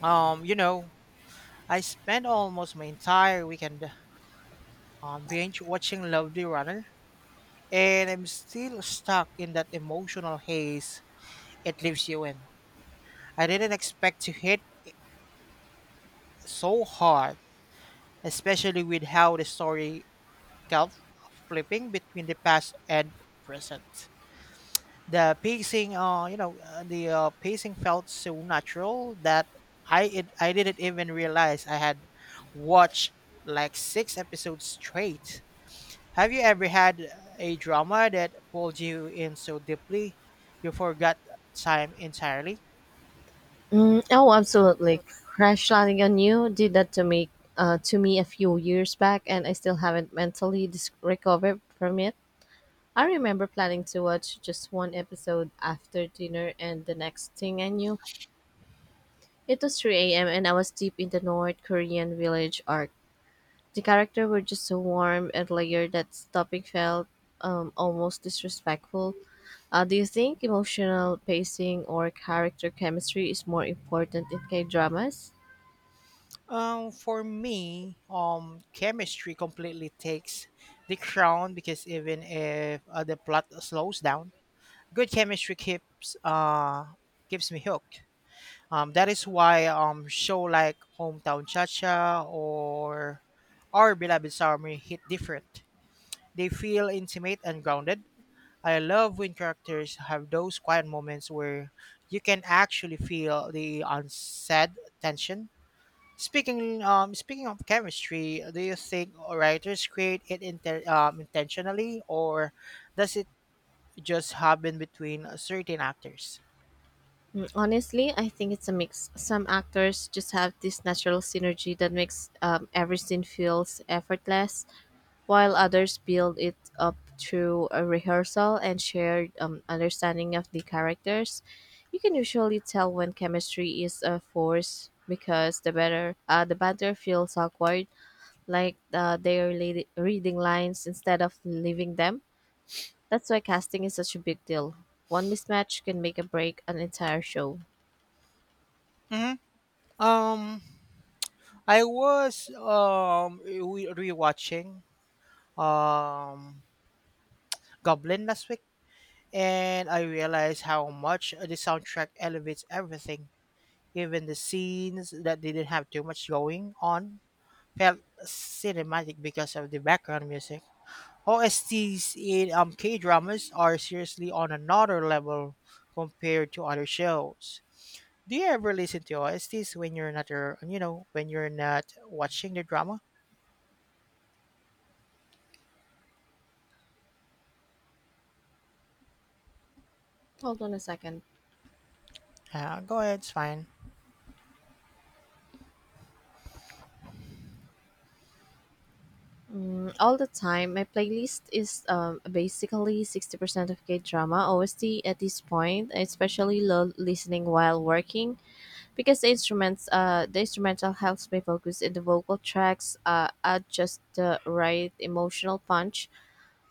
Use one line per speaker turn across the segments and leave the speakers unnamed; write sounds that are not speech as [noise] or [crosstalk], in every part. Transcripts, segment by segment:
Um, you know, I spent almost my entire weekend binge watching Lovely Runner, and I'm still stuck in that emotional haze it leaves you in. I didn't expect to hit so hard, especially with how the story kept flipping between the past and present. The pacing, you know, the pacing felt so natural that I didn't even realize I had watched like six episodes straight. Have you ever had a drama that pulled you in so deeply you forgot time entirely?
Oh, absolutely. Crash landing on you did that to me to me a few years back, and I still haven't recovered from it. I remember planning to watch just one episode after dinner, and the next thing I knew, it was 3 a.m. and I was deep in the North Korean village arc. The characters were just so warm and layered that stopping felt almost disrespectful. Do you think emotional pacing or character chemistry is more important in K dramas?
For me, chemistry completely takes the crown because even if the plot slows down, good chemistry keeps me hooked. That is why show like Hometown Cha Cha or Our Beloved Summer hit different. They feel intimate and grounded. I love when characters have those quiet moments where you can actually feel the unsaid tension. Speaking of chemistry, do you think writers create it intentionally or does it just happen between certain actors?
Honestly, I think it's a mix. Some actors just have this natural synergy that makes every scene feels effortless, while others build it up through a rehearsal and shared understanding of the characters. You can usually tell when chemistry is a force because the better the banter feels awkward, like they are reading lines instead of leaving them. That's why casting is such a big deal. One mismatch can make a break an entire show.
Hmm. Um, I was rewatching um Goblin last week, and I realized how much the soundtrack elevates everything. Even the scenes that didn't have too much going on felt cinematic because of the background music. OSTs in K dramas are seriously on another level compared to other shows. Do you ever listen to OSTs when you're not, when you're not watching the drama?
Hold on a second.
Go ahead, it's fine.
All the time, my playlist is basically 60% of K drama OST at this point. I especially love listening while working because the instrumental helps me focus and the vocal tracks add just the right emotional punch.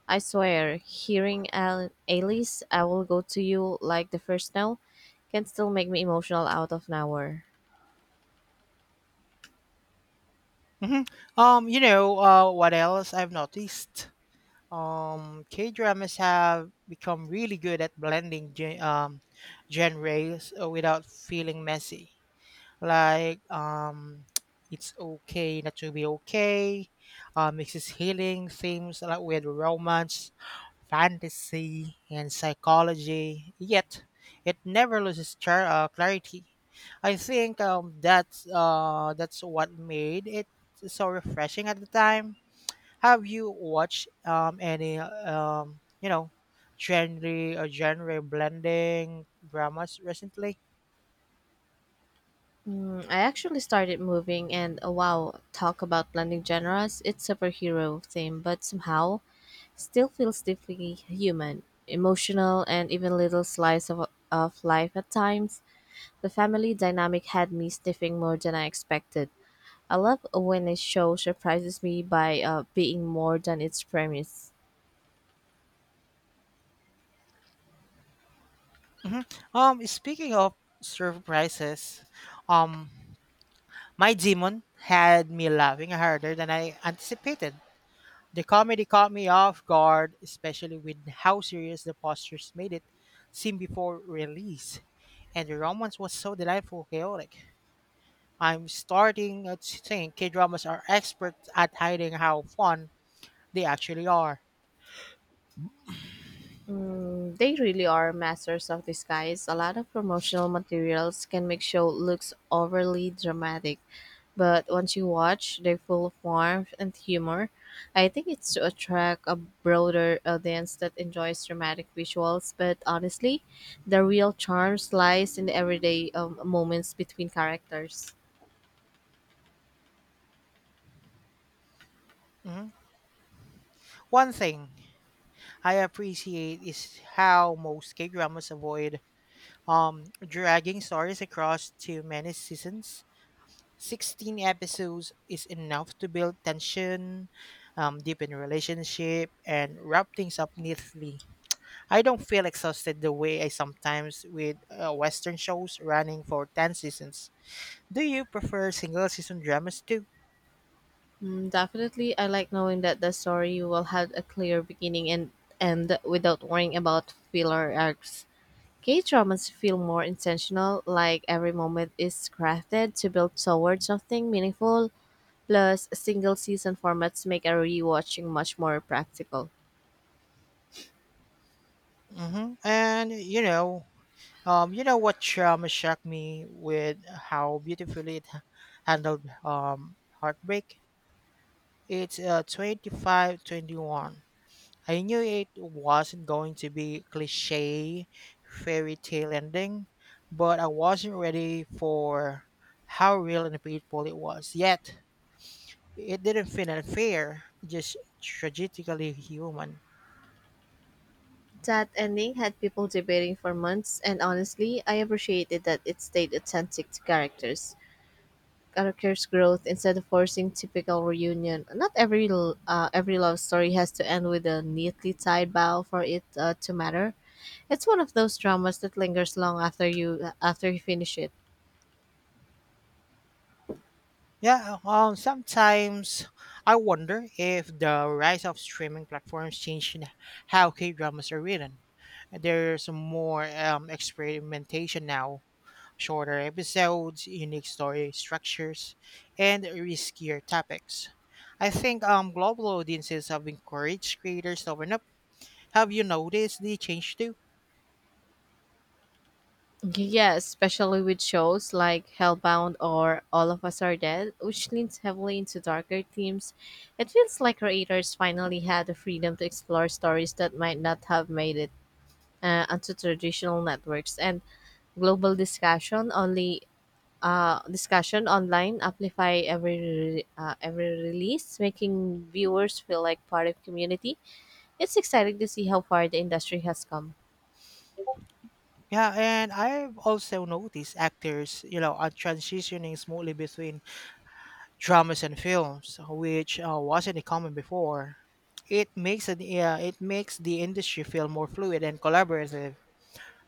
I swear, hearing Alice, I will go to you like the first now can still make me emotional out of nowhere.
Hmm. What else I've noticed? K dramas have become really good at blending genres without feeling messy. Like, [tsk] it's okay not to be okay. Mixes healing themes like with romance, fantasy, and psychology. Yet it never loses clarity. I think that's what made it so refreshing at the time. Have you watched any genre or genre blending dramas recently?
I actually started moving, and wow, talk about blending genres. It's superhero theme, but somehow still feels deeply human, emotional, and even little slice of life at times. The family dynamic had me sniffing more than I expected. I love when a show surprises me by being more than its premise.
Hmm. Speaking of surprises, um, my demon had me laughing harder than I anticipated. The comedy caught me off guard, especially with how serious the postures made it seem before release, and the romance was so delightful, chaotic. I'm starting to think K dramas are experts at hiding how fun they actually are.
They really are masters of disguise. A lot of promotional materials can make show looks overly dramatic, but once you watch, they're full of warmth and humor. I think it's to attract a broader audience that enjoys dramatic visuals, but honestly, the real charm lies in the everyday moments between characters.
Mhm. One thing I appreciate is how most K dramas avoid dragging stories across too many seasons. 16 episodes is enough to build tension, deepen relationship, and wrap things up neatly. I don't feel exhausted the way I sometimes with Western shows running for 10 seasons. Do you prefer single season dramas too?
Definitely, I like knowing that the story will have a clear beginning and end without worrying about filler arcs. K dramas feel more intentional, like every moment is crafted to build toward something meaningful. Plus, single season formats make a rewatching much more practical.
Hmm. And you know, what drama shocked me with how beautifully it handled heartbreak? It's 25 21. I knew it wasn't going to be cliche fairy tale ending, but I wasn't ready for how real and painful it was. Yet it didn't feel unfair, just tragically human.
That ending had people debating for months, and honestly, I appreciated that it stayed authentic to characters. Characters' growth instead of forcing typical reunion. Not every every love story has to end with a neatly tied bow for it to matter. It's one of those dramas that lingers long after you finish it.
Yeah, sometimes I wonder if the rise of streaming platforms changed how K dramas are written. There's more experimentation now, shorter episodes, unique story structures, and riskier topics. I think global audiences have encouraged creators to open up. Have you noticed the change too?
Yeah, especially with shows like Hellbound or All of Us Are Dead, which leans heavily into darker themes. It feels like creators finally had the freedom to explore stories that might not have made it onto traditional networks, and global discussion only discussion online amplify every every release, making viewers feel like part of community. It's exciting to see how far the industry has come.
Yeah, and I've also noticed actors, you know, are transitioning smoothly between dramas and films, which wasn't common before. It makes the industry feel more fluid and collaborative.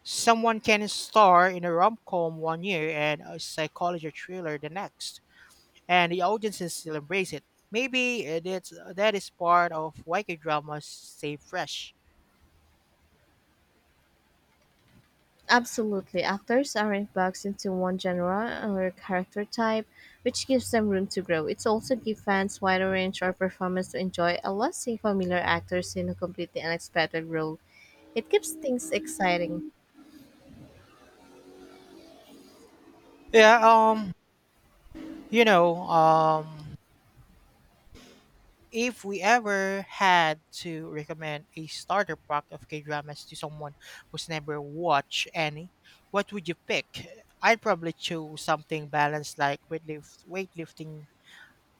Someone can star in a rom com one year and a psychology thriller the next, and the audiences still embrace it. Maybe that is part of why K dramas stay fresh.
Absolutely, actors aren't boxed into one genre or character type, which gives them room to grow. It's also give fans wider range of performance to enjoy, unless seeing familiar actors in a completely unexpected role. It keeps things exciting.
Yeah, you know, um, if we ever had to recommend a starter pack of K dramas to someone who's never watched any, what would you pick? I'd probably choose something balanced like weightlifting,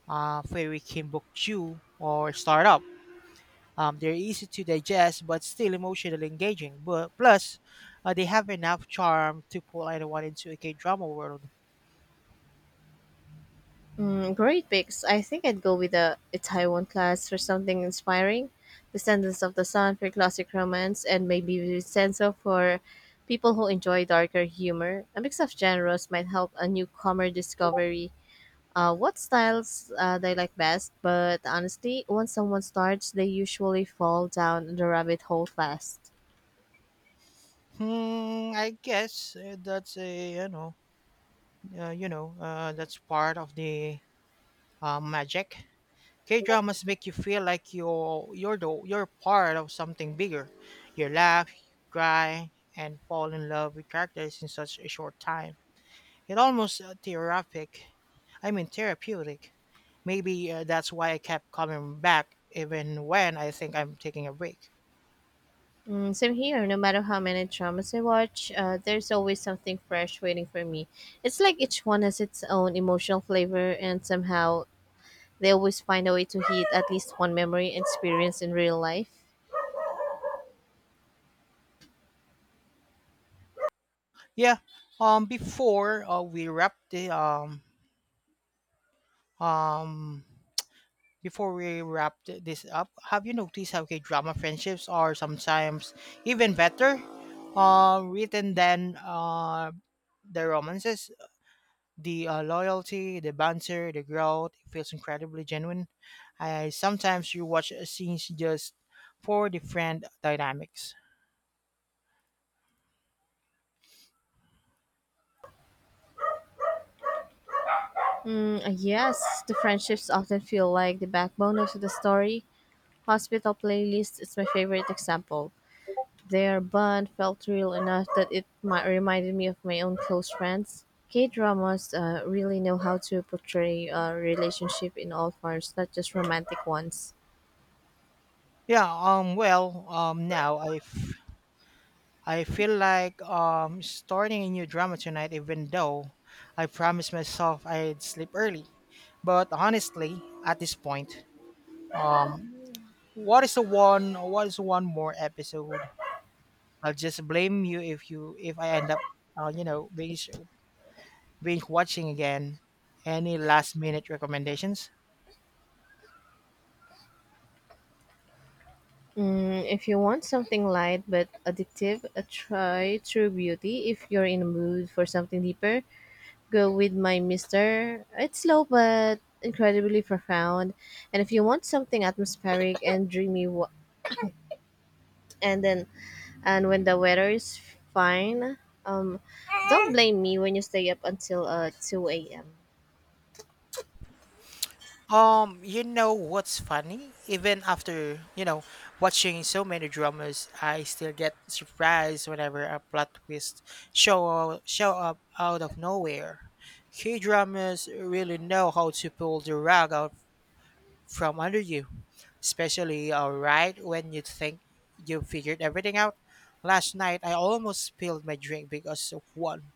Fairy Kimbukju, or Startup. They're easy to digest but still emotionally engaging. But plus, they have enough charm to pull anyone into a K drama world.
Great picks. I think I'd go with a Taiwan class for something inspiring, Descendants of the Sun for classic romance, and maybe Vincenzo for people who enjoy darker humor. A mix of genres might help a newcomer discovery what styles they like best, but honestly, once someone starts, they usually fall down the rabbit hole fast.
Hmm, I guess that's a you know, that's part of the magic. K dramas make you feel like you're part of something bigger. You laugh, cry, and fall in love with characters in such a short time. It almost therapeutic. I mean therapeutic. Maybe that's why I kept coming back even when I think I'm taking a break.
Same here, no matter how many dramas I watch, there's always something fresh waiting for me. It's like each one has its own emotional flavor, and somehow they always find a way to hit at least one memory and experience in real life.
Yeah. Before we wrap the um before we wrap this up, have you noticed how K drama friendships are sometimes even better written than the romances? The loyalty, the banter, the growth, it feels incredibly genuine. I sometimes you watch scenes just for different dynamics.
Yes, the friendships often feel like the backbone of the story. Hospital playlist is my favorite example. Their bond felt real enough that it reminded me of my own close friends. K-dramas really know how to portray a relationship in all forms, not just romantic ones.
Yeah, well, now I feel like starting a new drama tonight even though I promised myself I'd sleep early. But honestly, at this point, um what is one more episode? I'll just blame you if I end up uh, you know binge binge watching again. Any last minute recommendations?
If you want something light but addictive, try True Beauty. If you're in a mood for something deeper, go with My Mister. It's slow but incredibly profound. And if you want something atmospheric and dreamy, and then And when the weather is fine, um, don't blame me when you stay up until 2 a.m.
You know what's funny? Even after, you know, watching so many dramas, I still get surprised whenever a plot twist show up out of nowhere. K-dramas really know how to pull the rug out from under you, especially right when you think you figured everything out. Last night, I almost spilled my drink because of one.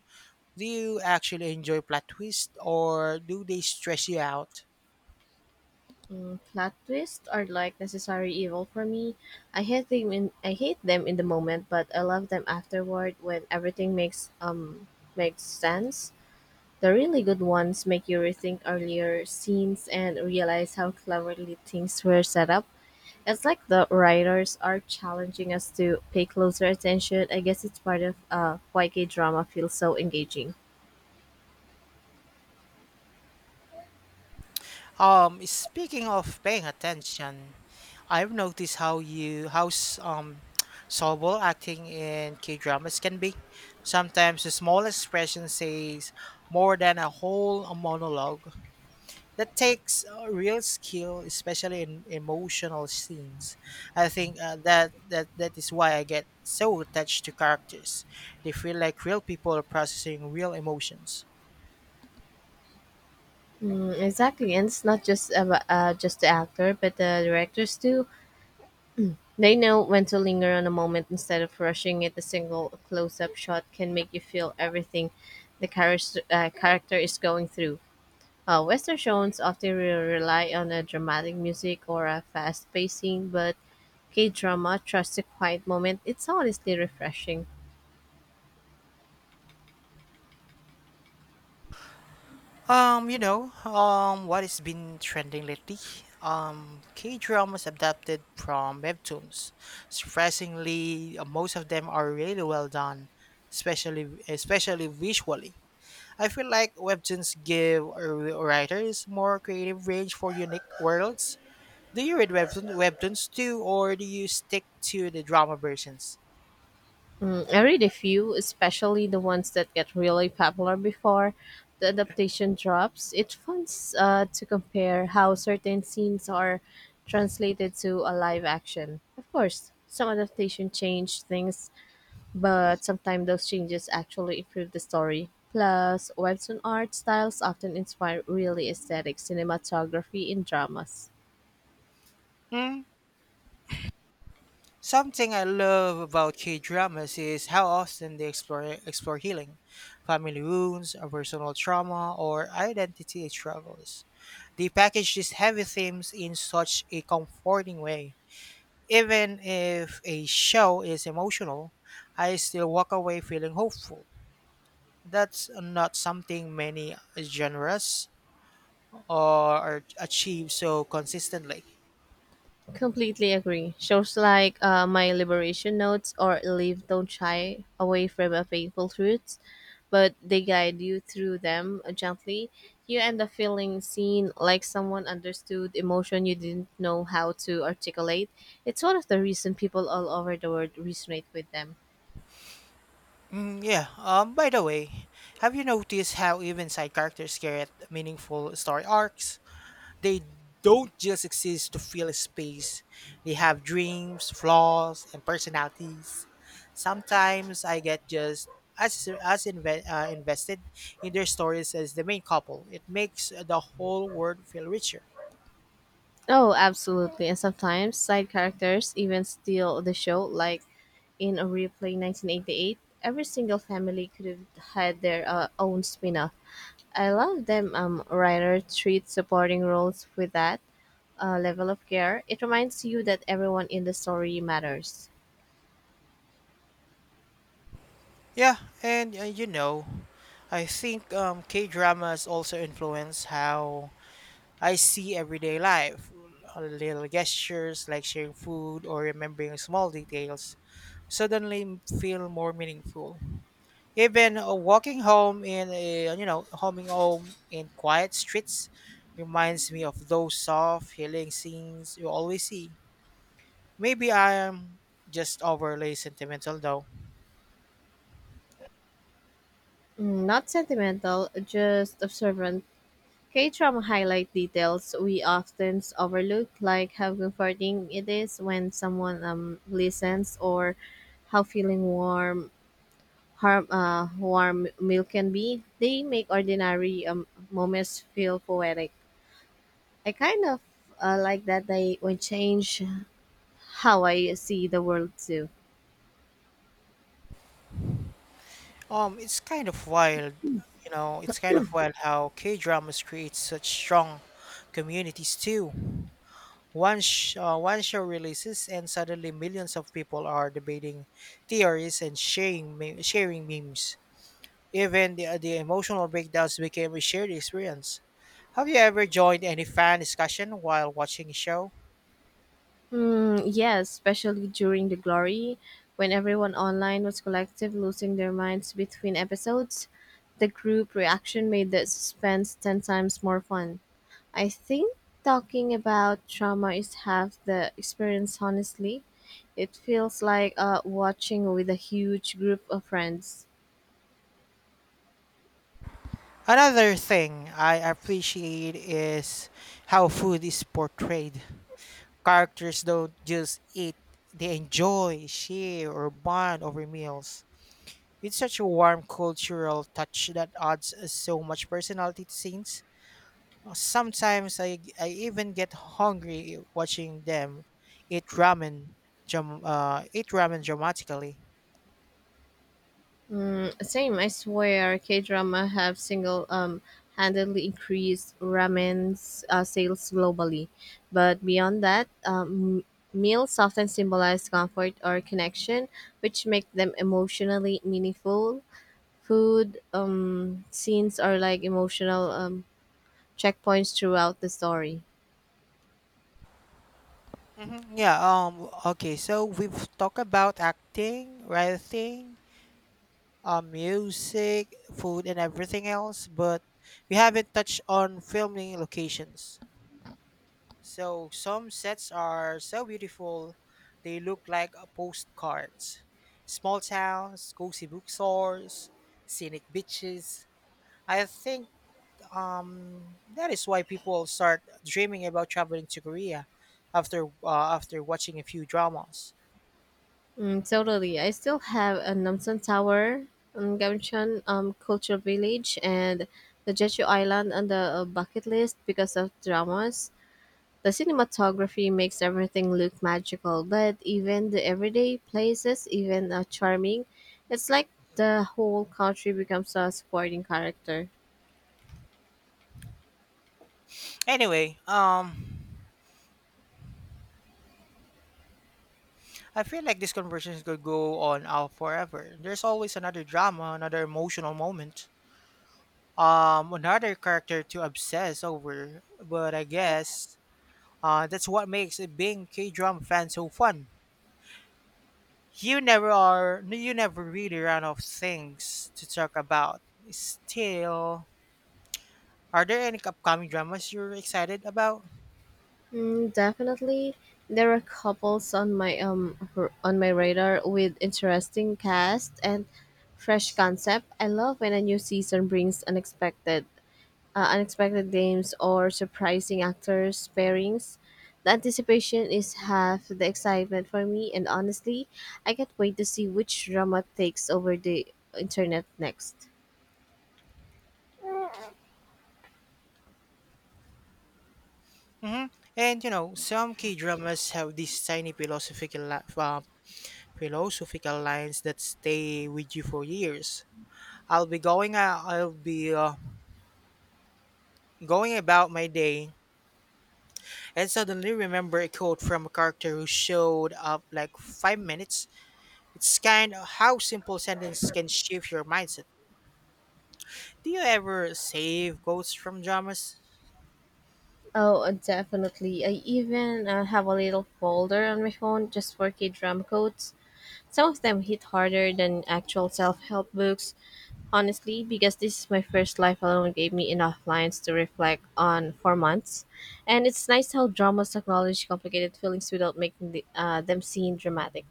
Do you actually enjoy plot twists, or do they stress you out?
Plot twists are like necessary evil for me. I hate them in the moment, but I love them afterward when everything makes sense. The really good ones make you rethink earlier scenes and realize how cleverly things were set up. It's like the writers are challenging us to pay closer attention. I guess it's part of why K drama feels so engaging.
Speaking of paying attention, I've noticed how [tsk] soluble acting in K dramas can be. Sometimes the small expression says more than a whole monologue. That takes real skill, especially in emotional scenes. I think that is why I get so attached to characters. They feel like real people processing real emotions.
Exactly, and it's not just about just the actor, but the directors too. They know when to linger on a moment instead of rushing it. A single close-up shot can make you feel everything the character is going through. Western shows often rely on a dramatic music or a fast paced scene, but K drama trusts a quiet moment. It's honestly refreshing.
What has been trending lately? K dramas adapted from webtoons. Surprisingly, most of them are really well done, especially visually. I feel like webtoons give writers more creative range for unique worlds. Do you read webtoons too, or do you stick to the drama versions?
I read a few, especially the ones that get really popular before the adaptation drops. It's fun to compare how certain scenes are translated to a live action. Of course, some adaptation change things, but sometimes those changes actually improve the story. Plus, webtoon art styles often inspire really aesthetic cinematography in dramas.
Hmm? Something I love about K dramas is how often they explore healing, family wounds, personal trauma, or identity struggles. They package these heavy themes in such a comforting way. Even if a show is emotional, I still walk away feeling hopeful. That's not something many genres or achieve so consistently.
Completely agree. Shows like My Liberation Notes or Leave Don't Shy Away from a Painful Truths, but they guide you through them gently. You end up feeling seen, like someone understood emotion you didn't know how to articulate. It's one of the reasons people all over the world resonate with them.
Mm, yeah. By the way, have you noticed how even side characters get meaningful story arcs? They don't just exist to fill a space. They have dreams, flaws, and personalities. Sometimes I get just as invested in their stories as the main couple. It makes the whole world feel richer.
Oh, absolutely. And sometimes side characters even steal the show, like in a replay 1988, every single family could have had their own spin off I love them writer treats supporting roles with that level of care. It reminds you that everyone in the story matters.
Yeah, and I think K dramas also influence how I see everyday life. Little gestures like sharing food or remembering small details suddenly feel more meaningful. Even walking home in a, you know, homing home in quiet streets reminds me of those soft, healing scenes you always see. Maybe I am just overly sentimental though.
Not sentimental, just observant. K-drama highlight details we often overlook, like how comforting it is when someone listens or how feeling warm milk can be. They make ordinary moments feel poetic. I kind of like that they when change how I see the world too.
Um, it's kind of wild, it's kind of wild how K dramas create such strong communities too. One show releases, and suddenly millions of people are debating theories and sharing memes. Even the emotional breakdowns became a shared experience. Have you ever joined any fan discussion while watching a show?
Yes, especially during the glory, when everyone online was collective, losing their minds between episodes. The group reaction made the suspense 10 times more fun. I think talking about trauma is half the experience, honestly. It feels like watching with a huge group of friends.
Another thing I appreciate is how food is portrayed. Characters don't just eat, they enjoy, share, or bond over meals. It's such a warm cultural touch that adds so much personality to scenes. Sometimes I even get hungry watching them eat ramen dramatically.
Same, I swear. K drama have single handedly increased ramen's sales globally, but beyond that, meals often symbolize comfort or connection, which make them emotionally meaningful. Food scenes are like emotional checkpoints throughout the story.
Hmm. Yeah, okay, so we've talked about acting, writing, music, food and everything else, but we haven't touched on filming locations. So some sets are so beautiful, they look like postcards. Small towns, cozy bookstores, scenic beaches, I think that is why people start dreaming about traveling to Korea after after watching a few dramas.
Totally. I still have a Namsan Tower, Gamcheon Culture Village, and the Jeju Island on the bucket list because of dramas. The cinematography makes everything look magical, but even the everyday places even are charming. It's like the whole country becomes a supporting character.
Anyway, I feel like this conversation could go on out forever. There's always another drama, another emotional moment, another character to obsess over. But I guess that's what makes it being K-drama fan so fun. You never are. You never really run out of things to talk about. Still, are there any upcoming dramas you're excited about?
Definitely, there are couples on my on my radar with interesting cast and fresh concept. I love when a new season brings unexpected names or surprising actors pairings. The anticipation is half the excitement for me, and honestly, I can't wait to see which drama takes over the internet next.
Hmm. And you know, some key dramas have these tiny philosophical lines that stay with you for years. I'll be going. I'll be going about my day, and suddenly remember a quote from a character who showed up like five minutes. It's kind of how simple sentence can shift your mindset. Do you ever save quotes from dramas?
Oh, Definitely. I even have a little folder on my phone just for K drama codes. Some of them hit harder than actual self help books, honestly, because This Is My First Life alone gave me enough lines to reflect on for months. And it's nice how dramas acknowledge complicated feelings without making them seem dramatic.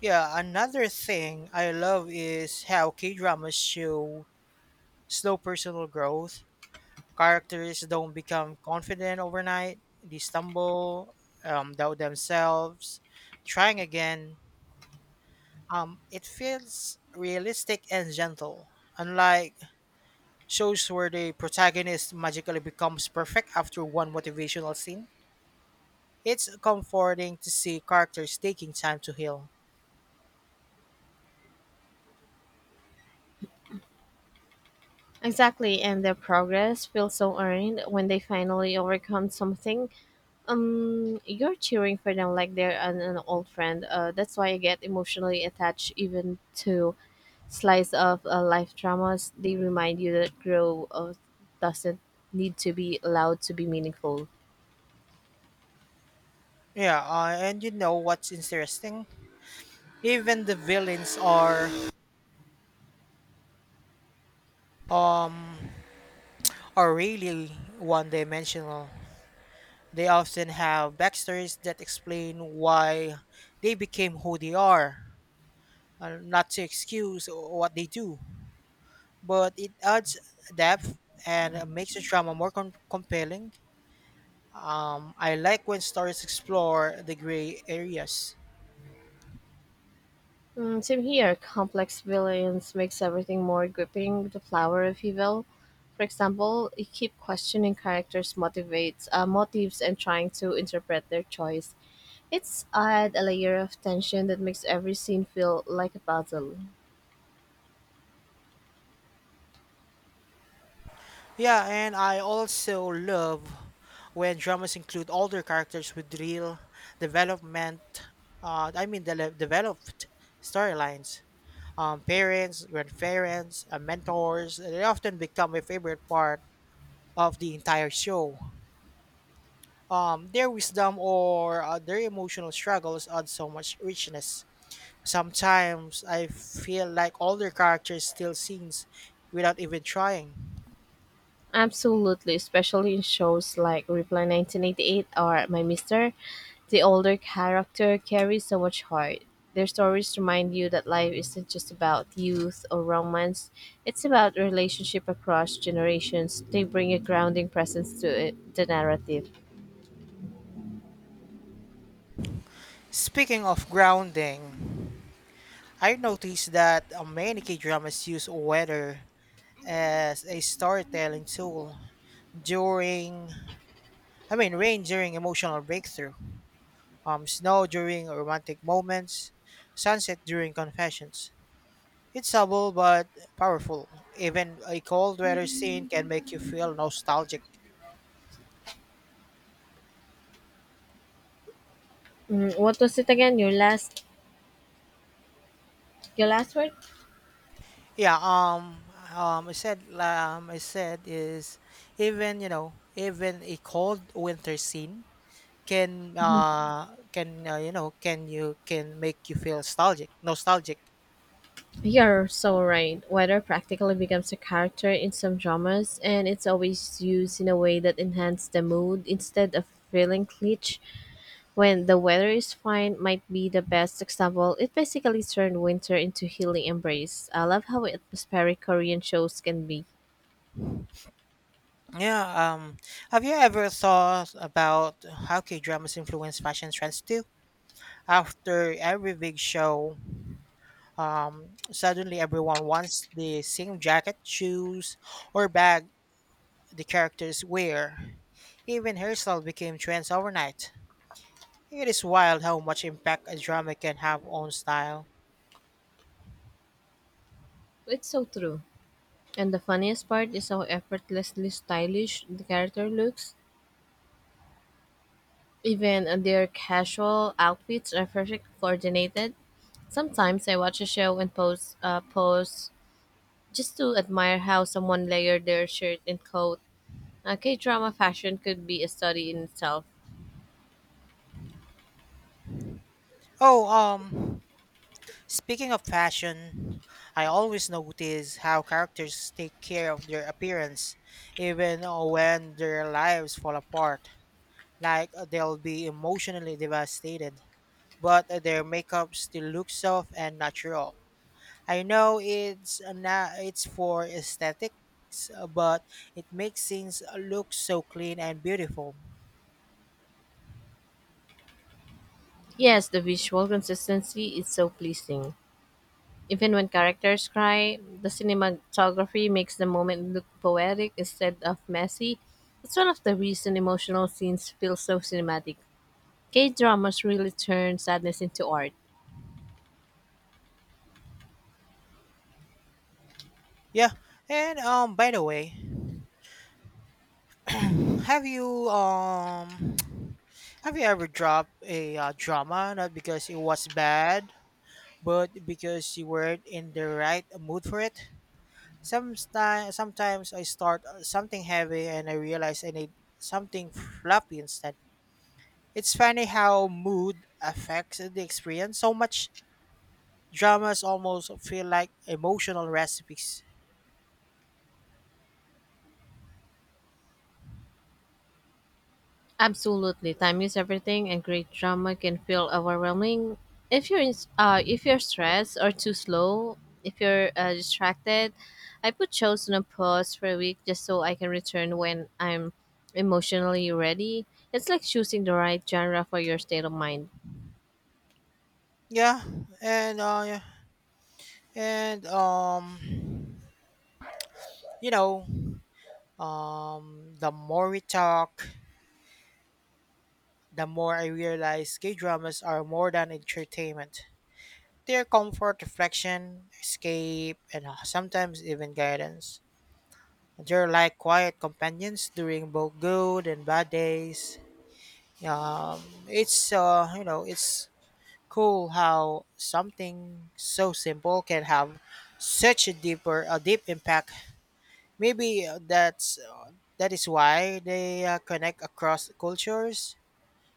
Yeah, another thing I love is how K dramas show slow personal growth. Characters don't become confident overnight, they stumble, doubt themselves, trying again. It feels realistic and gentle, unlike shows where the protagonist magically becomes perfect after one motivational scene. It's comforting to see characters taking time to heal.
Exactly, and their progress feels so earned when they finally overcome something. You're cheering for them like they're an old friend. That's why I get emotionally attached even to slice of life dramas. They remind you that growth doesn't need to be allowed to be meaningful.
Yeah, and you know what's interesting? Even the villains are um really one-dimensional. They often have backstories that explain why they became who they are, not to excuse what they do, but it adds depth and makes the drama more compelling. I like when stories explore the gray areas.
Same here. Complex villains makes everything more gripping. The flower of evil, for example, you keep questioning characters' motives and trying to interpret their choice. It's add a layer of tension that makes every scene feel like a puzzle.
Yeah, and I also love when dramas include older characters with real development, I mean, de- developed storylines. Parents, grandparents, and mentors, they often become a favorite part of the entire show. Their wisdom or their emotional struggles add so much richness. Sometimes I feel like older characters steal scenes without even trying.
Absolutely, especially in shows like Reply 1988 or My Mister, the older character carries so much heart. Their stories remind you that life isn't just about youth or romance, it's about relationship across generations. They bring a grounding presence to it, the narrative.
Speaking of grounding, I noticed that many K-dramas use weather as a storytelling tool during, rain during emotional breakthrough, snow during romantic moments, sunset during confessions. It's subtle but powerful. Even a cold weather scene can make you feel nostalgic.
Mm, what was it again? Your last word?
Yeah. I said. I said is, even, you know, even a cold winter scene can, you know, can, you can make you feel nostalgic.
You're so right. Weather practically becomes a character in some dramas, and it's always used in a way that enhances the mood instead of feeling glitch. When the weather is fine, might be the best example. It basically turned winter into healing embrace. I love how atmospheric Korean shows can be.
Yeah. Have you ever thought about how K-dramas influence fashion trends too? After every big show, um, suddenly everyone wants the same jacket, shoes, or bag the characters wear. Even hairstyle became trends overnight. It is wild how much impact a drama can have on style.
It's so true. And the funniest part is how effortlessly stylish the character looks. Even their casual outfits are perfect coordinated. Sometimes I watch a show and pose just to admire how someone layered their shirt and coat. K-drama fashion could be a study in itself.
oh um Speaking of fashion, I always notice how characters take care of their appearance even when their lives fall apart. Like, they'll be emotionally devastated, but their makeup still looks soft and natural. I know it's na it's for aesthetics, but it makes things look so clean and beautiful.
Yes, the visual consistency is so pleasing. Even when characters cry, the cinematography makes the moment look poetic instead of messy. It's one of the reasons emotional scenes feel so cinematic. K-dramas really turn sadness into art.
Yeah, and by the way, have you [tsk] have you ever dropped a drama not because it was bad, but because you weren't in the right mood for it? Sometimes I start something heavy and I realize I need something fluffy instead. It's funny how mood affects the experience so much. Dramas almost feel like emotional recipes.
Absolutely, time is everything, and great drama can feel overwhelming if you're stressed or too slow, if you're distracted. I put shows on a pause for a week just so I can return when I'm emotionally ready. It's like choosing the right genre for your state of mind.
Yeah, and yeah, and you know, The more we talk, the more I realize gay dramas are more than entertainment. They're comfort, reflection, escape, and sometimes even guidance. They're like quiet companions during both good and bad days. It's cool how something so simple can have such a deep impact. Maybe that is why they connect across cultures.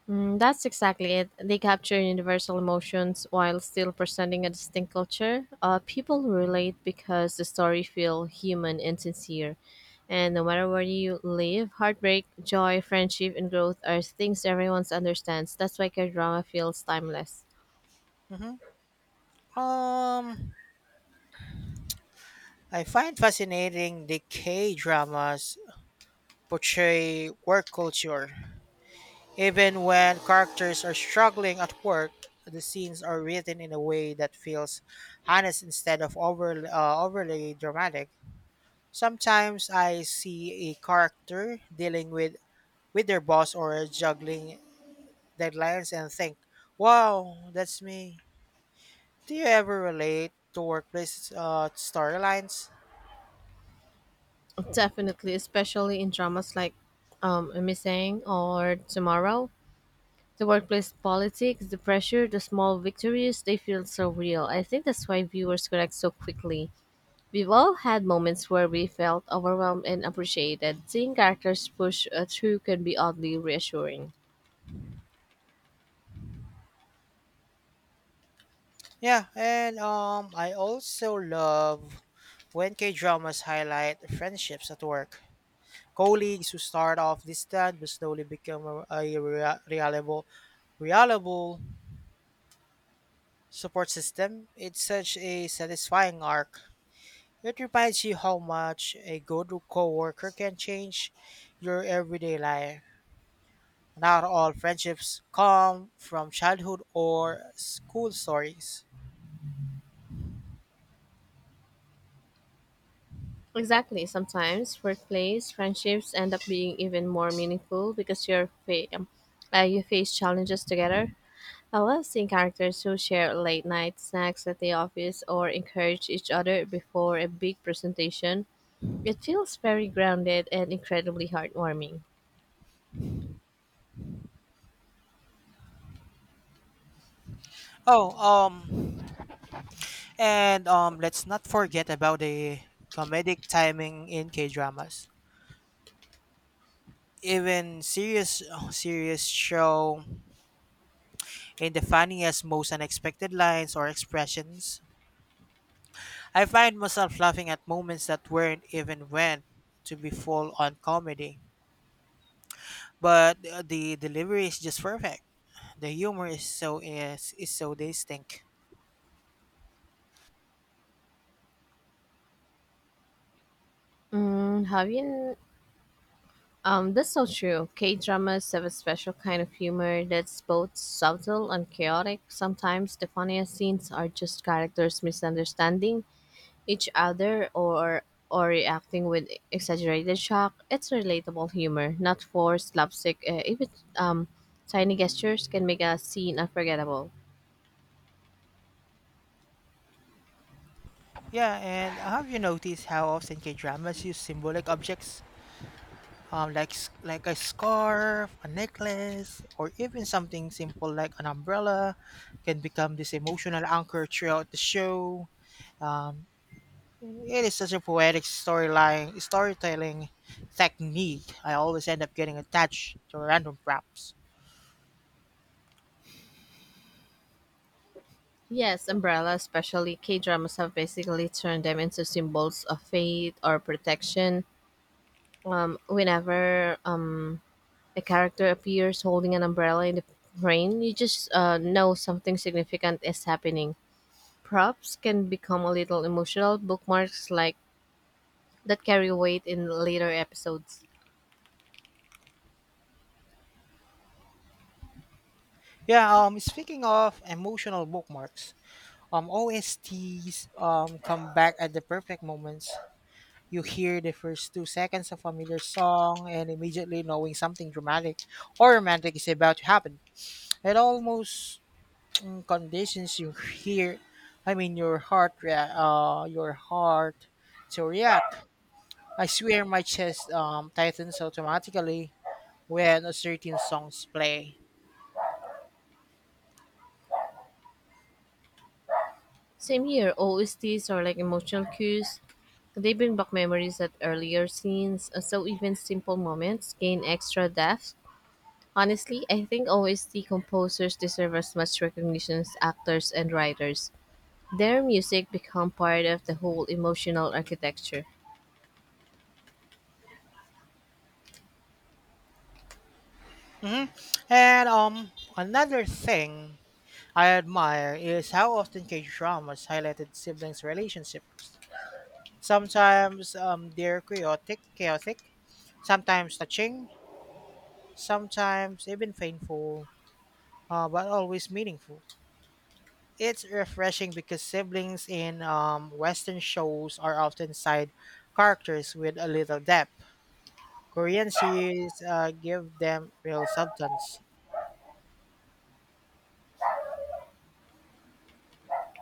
Mm, that's exactly it. They capture universal emotions while still presenting a distinct culture. People relate because the story feel human and sincere. And no matter where you live, heartbreak, joy, friendship, and growth are things everyone understands. That's why K-drama feels timeless.
Mhm. Um, I find fascinating the K dramas portray work culture. Even when characters are struggling at work, the scenes are written in a way that feels honest instead of overly dramatic. Sometimes I see a character dealing with their boss or juggling deadlines and think, wow, that's me. Do you ever relate to workplace storylines?
Definitely, especially in dramas like Missing or Tomorrow. The workplace politics, the pressure, the small victories, they feel so real. I think that's why viewers connect so quickly. We've all had moments where we felt overwhelmed and appreciated. Seeing characters push through can be oddly reassuring.
Yeah, and I also love when K dramas highlight friendships at work. Colleagues who start off distant but slowly become reliable support system. It's such a satisfying arc. It reminds you how much a good coworker can change your everyday life. Not all friendships come from childhood or school stories.
Exactly. Sometimes workplace friendships end up being even more meaningful because you face challenges together. I love seeing characters who share late night snacks at the office or encourage each other before a big presentation. It feels very grounded and incredibly heartwarming.
Oh, And Let's not forget about the comedic timing in K dramas. Even serious [sighs] serious show in the funniest, most unexpected lines or expressions. I find myself laughing at moments that weren't even meant to be full on comedy. But the delivery is just perfect. The humor is so distinct.
Mm, have you That's so true. K dramas have a special kind of humor that's both subtle and chaotic. Sometimes the funniest scenes are just characters misunderstanding each other or reacting with exaggerated shock. It's relatable humor, not forced slapstick. Even um, tiny gestures can make a scene unforgettable.
Yeah, and have you noticed how often K dramas use symbolic objects, like a scarf, a necklace, or even something simple like an umbrella, can become this emotional anchor throughout the show. Um, it is such a poetic storyline storytelling technique. I always end up getting attached to random props.
Yes, umbrella, especially K dramas, have basically turned them into symbols of faith or protection. Whenever a character appears holding an umbrella in the rain, you just know something significant is happening. Props can become a little emotional bookmarks like that carry weight in later episodes.
Yeah. Speaking of emotional bookmarks, OSTs come back at the perfect moments. You hear the first 2 seconds of a familiar song and immediately knowing something dramatic or romantic is about to happen. It almost conditions your your heart to react. I swear my chest tightens automatically when a certain songs play.
Same here, OSTs are like emotional cues. They bring back memories at earlier scenes, so even simple moments gain extra depth. Honestly, I think OST composers deserve as much recognition as actors and writers. Their music become part of the whole emotional architecture.
Hmm. And another thing I admire is how often K dramas highlighted siblings' relationships. Sometimes chaotic, sometimes touching, sometimes even painful, but always meaningful. It's refreshing because siblings in Western shows are often side characters with a little depth. Korean series give them real substance.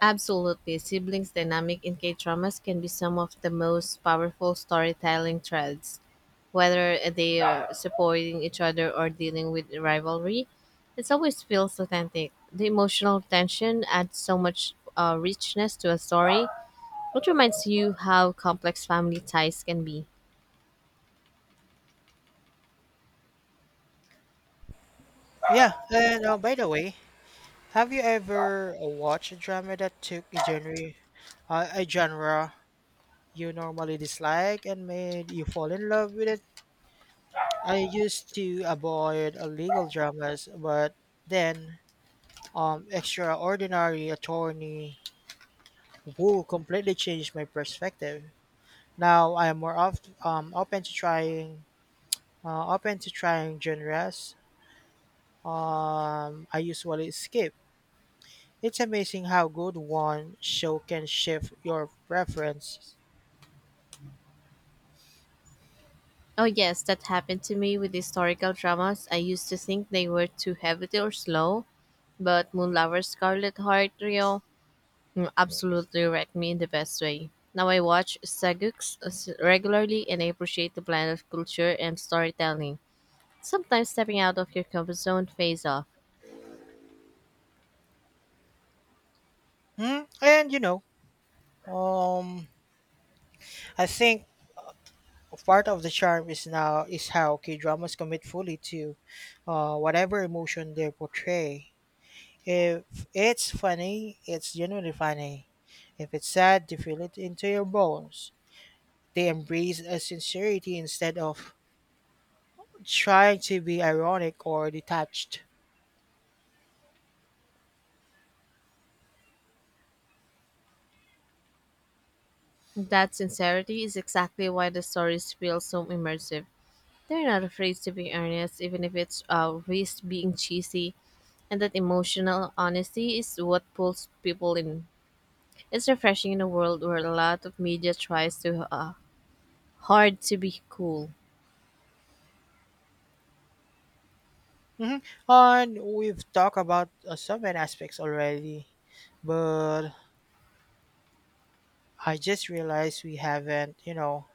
Absolutely, siblings dynamic in K-dramas can be some of the most powerful storytelling threads. Whether they are supporting each other or dealing with rivalry, it always feels authentic. The emotional tension adds so much richness to a story, which reminds you how complex family ties can be.
Yeah, and by the way, have you ever watched a drama that took a genre you normally dislike and made you fall in love with it? I used to avoid legal dramas, but then, Extraordinary Attorney Woo completely changed my perspective. Now I am more oft, open to trying genres I usually skip. It's amazing how good one show can shift your preferences.
Oh yes, that happened to me with historical dramas. I used to think they were too heavy or slow, but Moon Lover Scarlet Heart Trio. Mm, absolutely wrecked me in the best way. Now I watch saguks regularly and I appreciate the blend of culture and storytelling. Sometimes stepping out of your comfort zone pays off.
Hmm? And you know, um, I think part of the charm is now is how K-dramas commit fully to whatever emotion they portray. If it's funny, it's genuinely funny. If it's sad, they feel it into your bones. They embrace a sincerity instead of trying to be ironic or detached.
That sincerity is exactly why the stories feel so immersive. They're not afraid to be earnest, even if it's risk being cheesy, and that emotional honesty is what pulls people in. It's refreshing in a world where a lot of media tries to hard to be cool.
Mhm. And we've talked about some main aspects already, but I just realized we haven't, you know,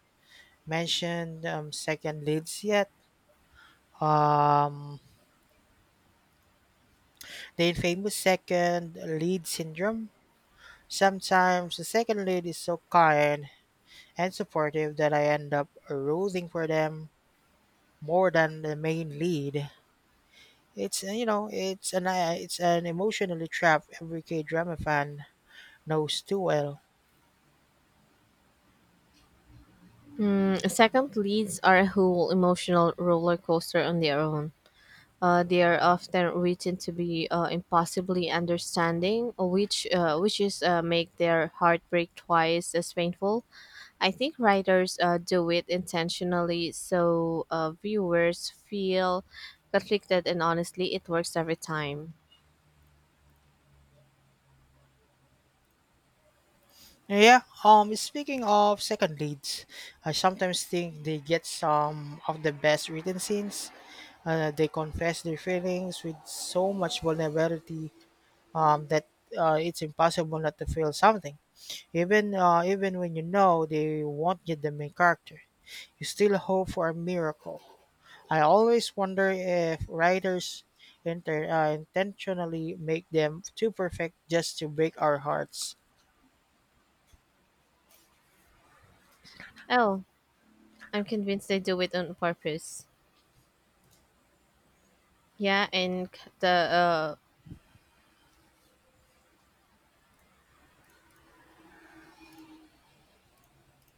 mentioned, second leads yet. Um, The infamous second lead syndrome. Sometimes the second lead is so kind and supportive that I end up rooting for them more than the main lead. It's it's an emotionally trap every K drama fan knows too well.
Second, leads are a whole emotional roller coaster on their own. They are often written to be impossibly understanding, which is make their heartbreak twice as painful. I think writers do it intentionally so viewers feel conflicted, and honestly, it works every time.
Yeah. Speaking of second leads, I sometimes think they get some of the best written scenes. They confess their feelings with so much vulnerability that it's impossible not to feel something. Even when you know they won't get the main character, you still hope for a miracle. I always wonder if writers intentionally make them too perfect just to break our hearts.
Oh, I'm convinced they do it on purpose. Yeah, and c- the